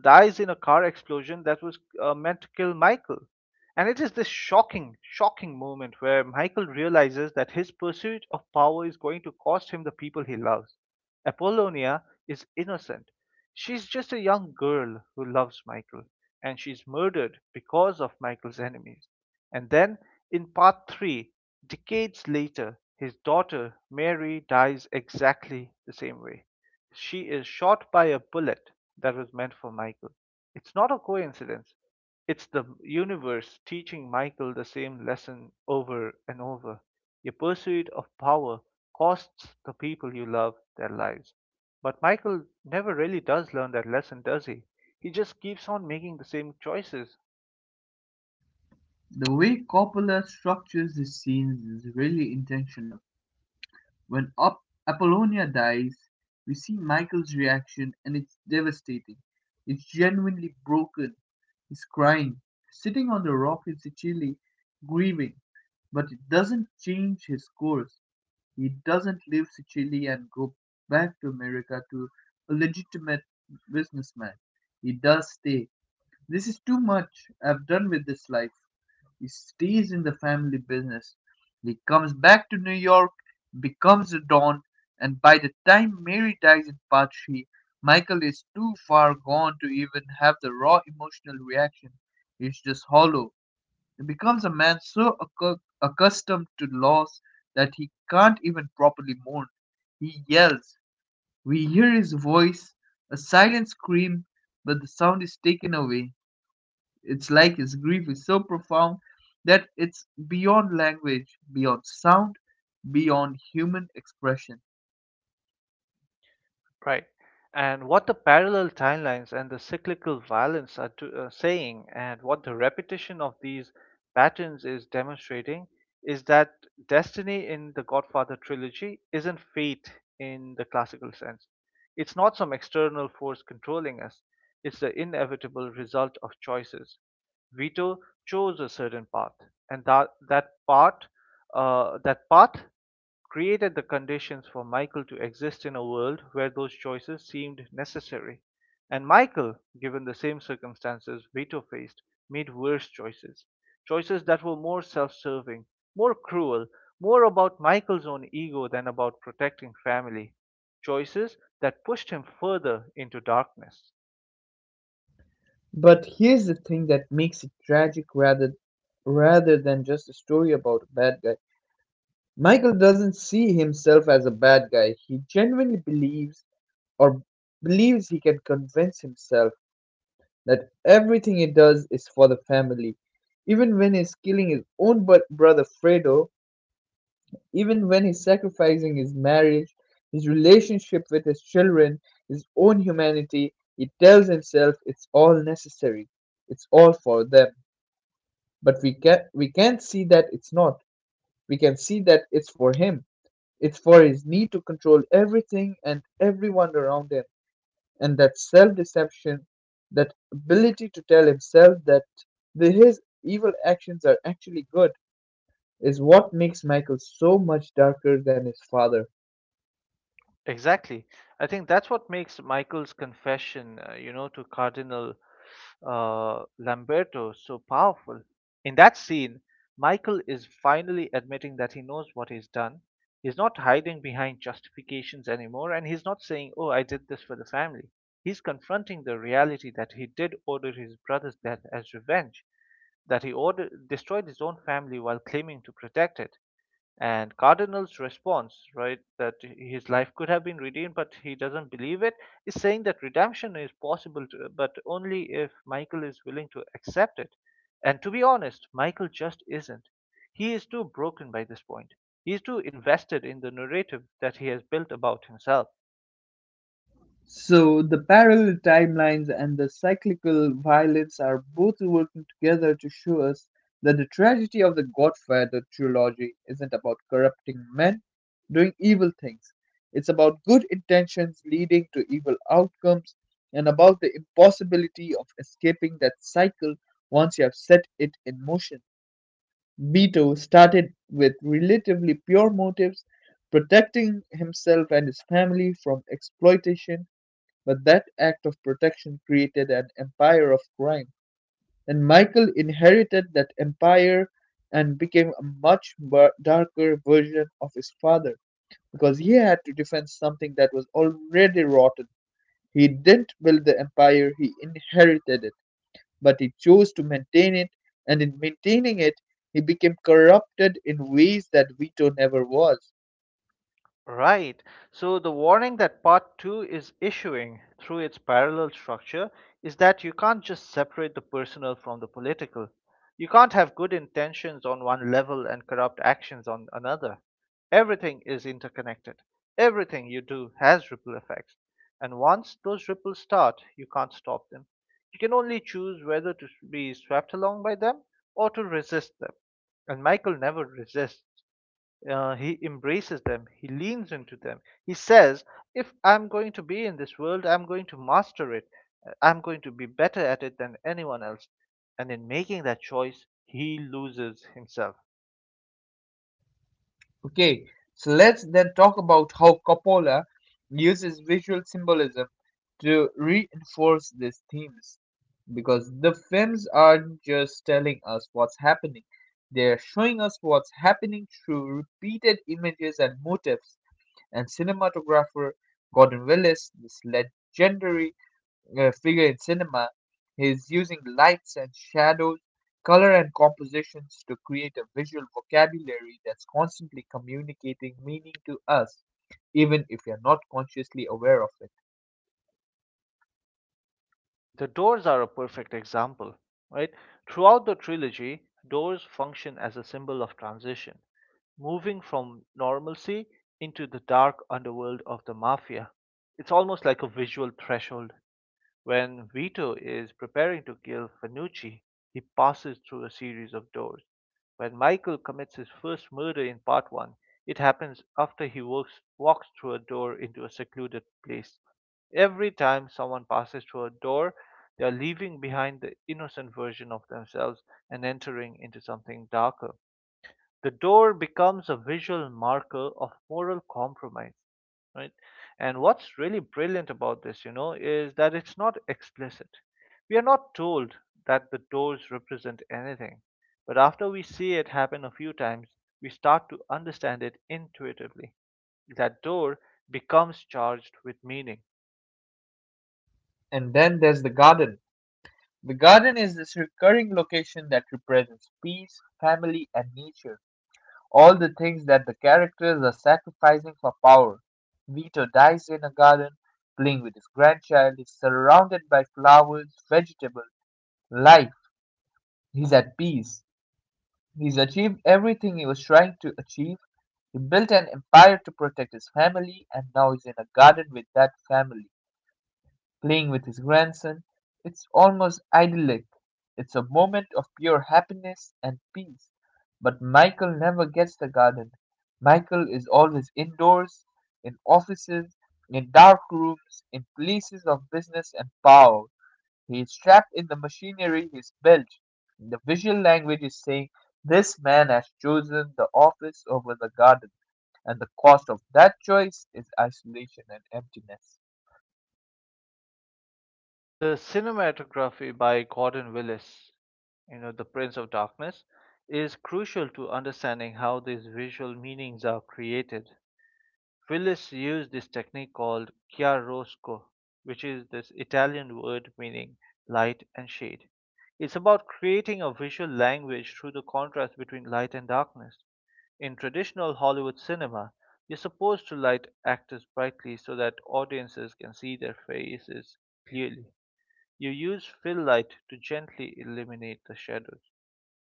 S1: dies in a car explosion that was meant to kill Michael. And it is this shocking, shocking moment where Michael realizes that his pursuit of power is going to cost him the people he loves. Apollonia is innocent. She's just a young girl who loves Michael, and she's murdered because of Michael's enemies. And then in Part Three, decades later, his daughter Mary dies exactly the same way. She is shot by a bullet that was meant for Michael. It's not a coincidence. It's the universe teaching Michael the same lesson over and over. Your pursuit of power costs the people you love their lives. But Michael never really does learn that lesson, does he? He just keeps on making the same choices.
S2: The way Coppola structures his scenes is really intentional. When Apollonia dies, we see Michael's reaction and it's devastating. It's genuinely broken. He's crying, sitting on the rock in Sicily, grieving, but it doesn't change his course. He doesn't leave Sicily and go back to America to a legitimate businessman. He does stay. This is too much. I've done with this life. He stays in the family business. He comes back to New York, becomes a don, and by the time Mary dies in part three, Michael is too far gone to even have the raw emotional reaction. He's just hollow becomes a man so accustomed to loss that he can't even properly mourn. He yells. We hear his voice, a silent scream, but the sound is taken away. It's like his grief is so profound that it's beyond language, beyond sound, beyond human expression.
S1: Right. And what the parallel timelines and the cyclical violence are saying, and what the repetition of these patterns is demonstrating, is that destiny in the Godfather trilogy isn't fate in the classical sense. It's not some external force controlling us, it's the inevitable result of choices. Vito chose a certain path, and that path created the conditions for Michael to exist in a world where those choices seemed necessary. And Michael, given the same circumstances Vito faced, made worse choices. Choices that were more self serving, more cruel, more about Michael's own ego than about protecting family. Choices that pushed him further into darkness.
S2: But here's the thing that makes it tragic rather than just a story about a bad guy. Michael doesn't see himself as a bad guy. He genuinely believes or believes he can convince himself that everything he does is for the family, even when he's killing his own brother Fredo, even when he's sacrificing his marriage, his relationship with his children, his own humanity. He tells himself it's all necessary, it's all for them. But we can't see that it's not. We can see that it's for him. It's for his need to control everything and everyone around him. And that self-deception, that ability to tell himself that his evil actions are actually good, is what makes Michael so much darker than his father.
S1: Exactly. I think that's what makes Michael's confession, you know, to Cardinal Lamberto so powerful. In that scene, Michael is finally admitting that he knows what he's done. He's not hiding behind justifications anymore, and he's not saying, "Oh, I did this for the family." He's confronting the reality that he did order his brother's death as revenge, that he ordered, destroyed his own family while claiming to protect it. And cardinal's response, right, that his life could have been redeemed but he doesn't believe it, is saying that redemption is possible to, but only if Michael is willing to accept it, and to be honest Michael just isn't. He is too broken by this point. He is too invested in the narrative that he has built about himself.
S2: So the parallel timelines and the cyclical violence are both working together to show us that the tragedy of the Godfather trilogy isn't about corrupting men doing evil things. It's about good intentions leading to evil outcomes, and about the impossibility of escaping that cycle once you have set it in motion. Beto started with relatively pure motives, protecting himself and his family from exploitation, but that act of protection created an empire of crime. And Michael inherited that empire and became a much darker version of his father because he had to defend something that was already rotten. He didn't build the empire, he inherited it, but he chose to maintain it, and in maintaining it, he became corrupted in ways that Vito never was.
S1: Right. So the warning that part 2 is issuing through its parallel structure is that you can't just separate the personal from the political. You can't have good intentions on one level and corrupt actions on another. Everything is interconnected. Everything you do has ripple effects. And once those ripples start, you can't stop them. You can only choose whether to be swept along by them or to resist them. And Michael never resists. He embraces them, he leans into them. He says, "If I'm going to be in this world, I'm going to master it, I'm going to be better at it than anyone else." And in making that choice, he loses himself.
S2: Okay, so let's then talk about how Coppola uses visual symbolism to reinforce these themes. Because the films aren't just telling us what's happening, they're showing us what's happening through repeated images and motifs. And cinematographer Gordon Willis, this legendary figure in cinema, he's using lights and shadows, color and compositions to create a visual vocabulary that's constantly communicating meaning to us, even if you're not consciously aware of it.
S1: The doors are a perfect example, right? Throughout the trilogy, doors function as a symbol of transition, moving from normalcy into the dark underworld of the mafia. It's almost like a visual threshold. When Vito is preparing to kill Fanucci, he passes through a series of doors. When Michael commits his first murder in part 1, it happens after walks through a door into a secluded place. Every time someone passes through a door, they are leaving behind the innocent version of themselves and entering into something darker. The door becomes a visual marker of moral compromise, right? And what's really brilliant about this, you know, is that it's not explicit. We are not told that the doors represent anything, but after we see it happen a few times we start to understand it intuitively. That door becomes charged with meaning.
S2: And then there's the garden. The garden is this recurring location that represents peace, family, and nature, all the things that the characters are sacrificing for power. Vito dies in a garden, playing with his grandchild, is surrounded by flowers, vegetables, light. He's at peace. He's achieved everything he was trying to achieve. He built an empire to protect his family, and now he's in a garden with that family, playing with his grandson. It's almost idyllic. It's a moment of pure happiness and peace. But Michael never gets the garden. Michael is always indoors, in offices, in dark rooms, in places of business and power. He is trapped in the machinery he's built. The visual language is saying, this man has chosen the office over the garden, and the cost of that choice is isolation and emptiness.
S1: The cinematography by Gordon Willis, you know, The Prince of Darkness, is crucial to understanding how these visual meanings are created. Willis used this technique called chiaroscuro, which is this Italian word meaning light and shade. It's about creating a visual language through the contrast between light and darkness. In traditional Hollywood cinema, you're supposed to light actors brightly so that audiences can see their faces clearly. You use fill light to gently eliminate the shadows,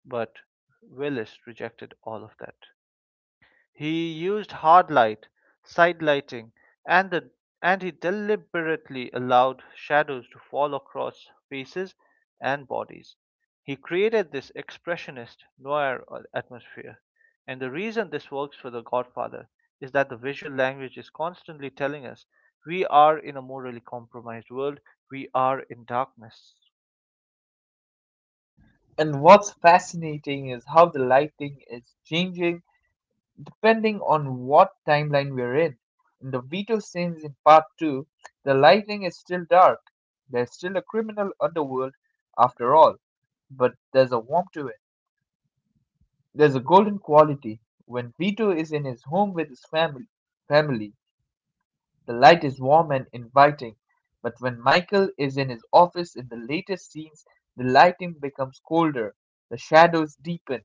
S1: but Willis rejected all of that. He used hard light, side lighting, and the and he deliberately allowed shadows to fall across faces and bodies. He created this expressionist noir atmosphere. And the reason this works for The Godfather is that the visual language is constantly telling us we are in a morally compromised world, we are in darkness.
S2: And what's fascinating is how the lighting is changing depending on what timeline we're in. In the veto scenes in part 2, the lighting is still dark. There's still a criminal underworld after all, but there's a warmth to it. There's a golden quality. When Vito is in his home with his family, the light is warm and inviting. But when Michael is in his office in the later scenes, the lighting becomes colder, the shadows deepen.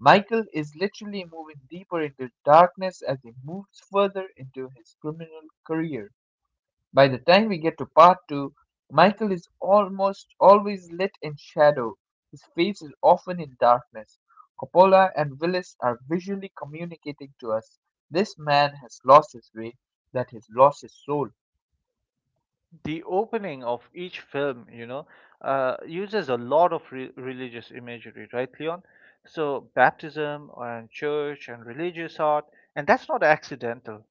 S2: Michael is literally moving deeper into darkness as he moves further into his criminal career. By the time we get to part two, Michael is almost always lit in shadow. His face is often in darkness. Coppola and Willis are visually communicating to us this man has lost his way, that he's lost his soul.
S1: The opening of each film, you know, uses a lot of religious imagery, right, Leon? So baptism and church and religious art, and that's not accidental.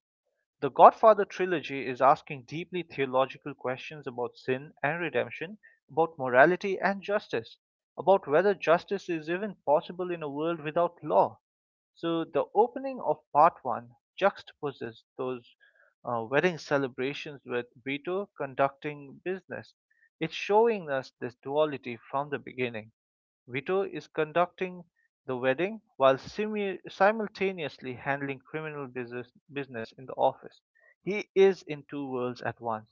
S1: The Godfather trilogy is asking deeply theological questions about sin and redemption, about morality and justice, about whether justice is even possible in a world without law. So the opening of part one juxtaposes those wedding celebrations with Vito conducting business. It's showing us this duality from the beginning. Vito is conducting the wedding while simultaneously handling criminal business, business in the office. He is in two worlds at once.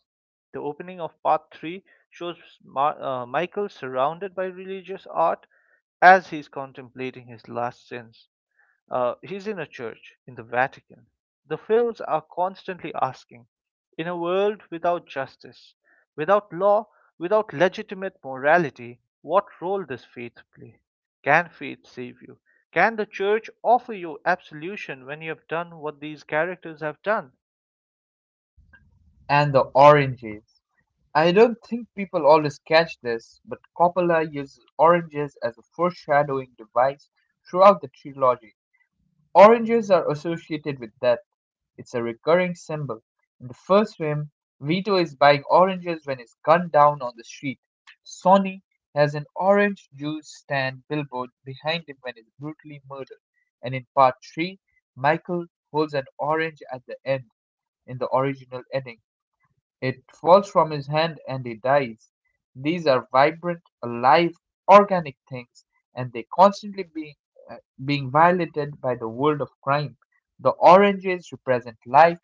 S1: The opening of part 3 shows Michael surrounded by religious art as he's contemplating his last sins. He's in a church in the Vatican. The films are constantly asking, in a world without justice, without law, without legitimate morality, what role does faith play? Can faith save you? Can the church offer you absolution when you have done what these characters have done?
S2: And the oranges. I don't think people always catch this, but Coppola uses oranges as a foreshadowing device throughout the trilogy. Oranges are associated with death; it's a recurring symbol. In the first film, Vito is buying oranges when he's gunned down on the street. Sonny has an orange juice stand billboard behind him when he's brutally murdered. And in part 3, Michael holds an orange at the end in the original ending. It falls from his hand and he dies. These are vibrant, alive, organic things, and they constantly being uh, being violated by the world of crime. The oranges represent life,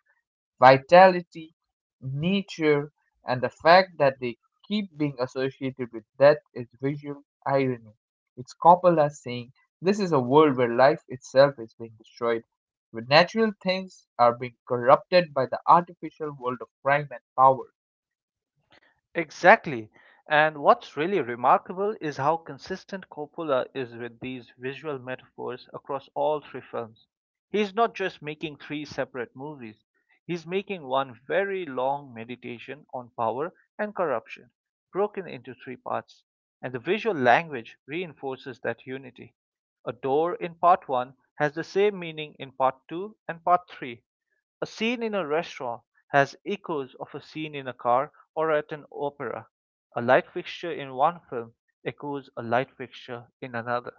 S2: vitality, nature, and the fact that they keep being associated with death is visual irony. It's Coppola saying this is a world where life itself is being destroyed, where natural things are being corrupted by the artificial world of crime and power.
S1: Exactly. And what's really remarkable is how consistent Coppola is with these visual metaphors across all three films. He's not just making three separate movies, he's making one very long meditation on power and corruption, broken into three parts. And the visual language reinforces that unity. A door in part one has the same meaning in part two and part three, a scene in a restaurant has echoes of a scene in a car or at an opera. A light fixture in one film echoes a light fixture in another.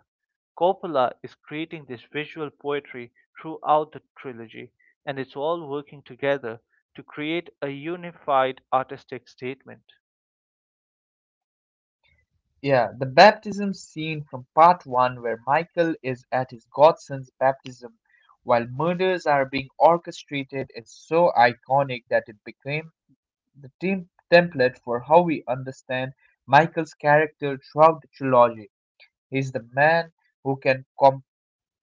S1: Coppola is creating this visual poetry throughout the trilogy, and it's all working together to create a unified artistic statement.
S2: Yeah, the baptism scene from part one, where Michael is at his godson's baptism while murders are being orchestrated, is so iconic that it became the team template for how we understand Michael's character throughout the trilogy. He's the man who can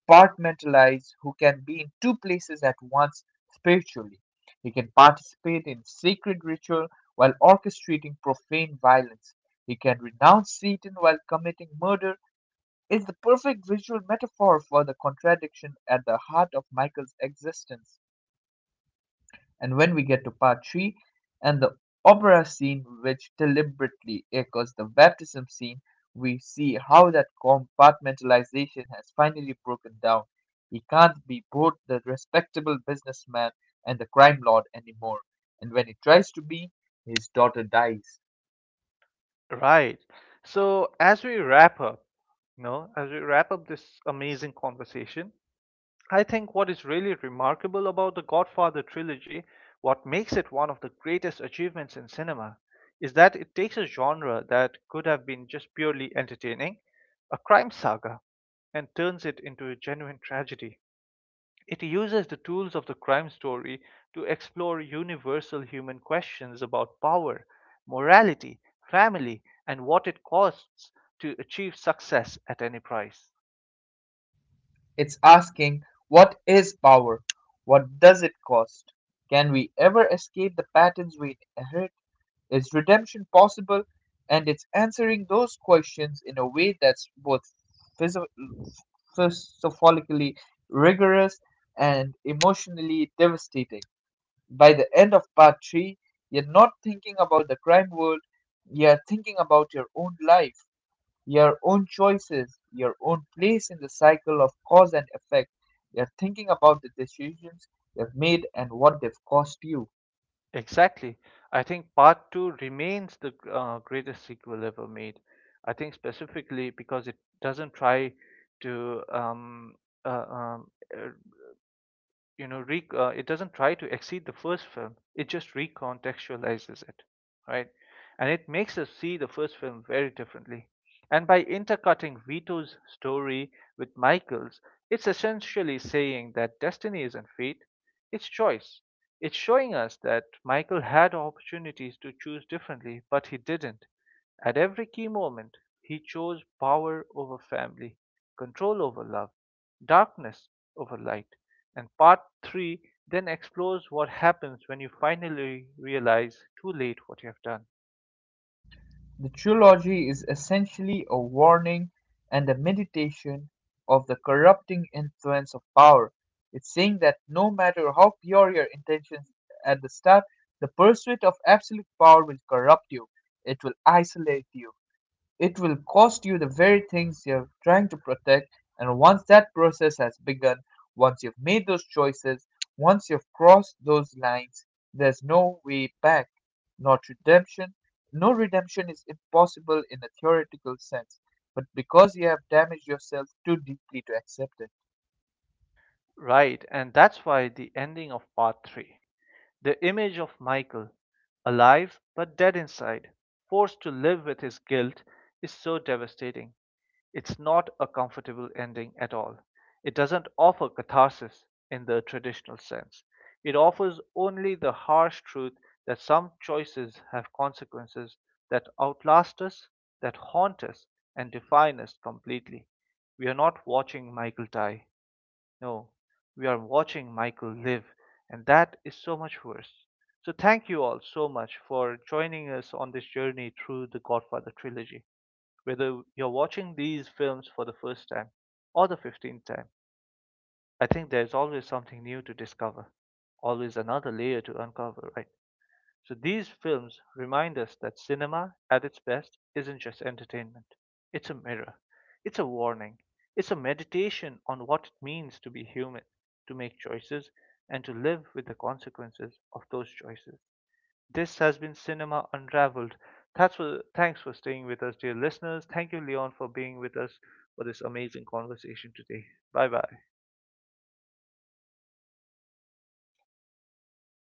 S2: compartmentalize, who can be in two places at once spiritually. He can participate in sacred ritual while orchestrating profane violence. He can renounce Satan while committing murder. It's the perfect visual metaphor for the contradiction at the heart of Michael's existence. And when we get to part three and the opera scene, which deliberately echoes the baptism scene, we see how that compartmentalization has finally broken down. He can't be both the respectable businessman and the crime lord anymore. And when he tries to be, his daughter dies.
S1: Right. So as we wrap up, you know, as we wrap up this amazing conversation, I think what is really remarkable about the Godfather trilogy, what makes it one of the greatest achievements in cinema, is that it takes a genre that could have been just purely entertaining, a crime saga, and turns it into a genuine tragedy. It uses the tools of the crime story to explore universal human questions about power, morality, family, and what it costs to achieve success at any price.
S2: It's asking, what is power? What does it cost? Can we ever escape the patterns we inherit? Is redemption possible? And it's answering those questions in a way that's both physio- philosophically rigorous and emotionally devastating. By the end of part three, you're not thinking about the crime world, you're thinking about your own life, your own choices, your own place in the cycle of cause and effect. You're thinking about the decisions you've made and what they've cost you.
S1: Exactly. I think Part 2 remains the greatest sequel ever made. I think specifically because it doesn't try to uh, um, it doesn't try to exceed the first film, it just recontextualizes it, right? And it makes us see the first film very differently, and by intercutting Vito's story with Michael's, it's essentially saying that destiny isn't fate, it's choice. It's showing us that Michael had opportunities to choose differently but he didn't. At every key moment he chose power over family, control over love, darkness over light. And part 3 then explores what happens when you finally realize too late what you have done.
S2: The trilogy is essentially a warning and a meditation of the corrupting influence of power. It's saying that no matter how pure your intentions at the start, the pursuit of absolute power will corrupt you. It will isolate you. It will cost you the very things you're trying to protect, and once that process has begun, once you've made those choices, once you've crossed those lines, there's no way back. Not redemption. No, redemption is impossible in a theoretical sense, but because you have damaged yourself too deeply to accept it.
S1: Right, and that's why the ending of part 3, the image of Michael, alive but dead inside, forced to live with his guilt, is so devastating. It's not a comfortable ending at all. It doesn't offer catharsis in the traditional sense. It offers only the harsh truth that some choices have consequences that outlast us, that haunt us, and define us completely. We are not watching Michael die. No, we are watching Michael live, and that is so much worse. So, thank you all so much for joining us on this journey through the Godfather trilogy. Whether you're watching these films for the first time or the 15th time, I think there's always something new to discover, always another layer to uncover, right? So these films remind us that cinema, at its best, isn't just entertainment. It's a mirror, it's a warning, it's a meditation on what it means to be human, to make choices, and to live with the consequences of those choices. This has been Cinema Unraveled. That's for, thanks for staying with us, dear listeners. Thank you, Leon, for being with us for this amazing conversation today. Bye bye.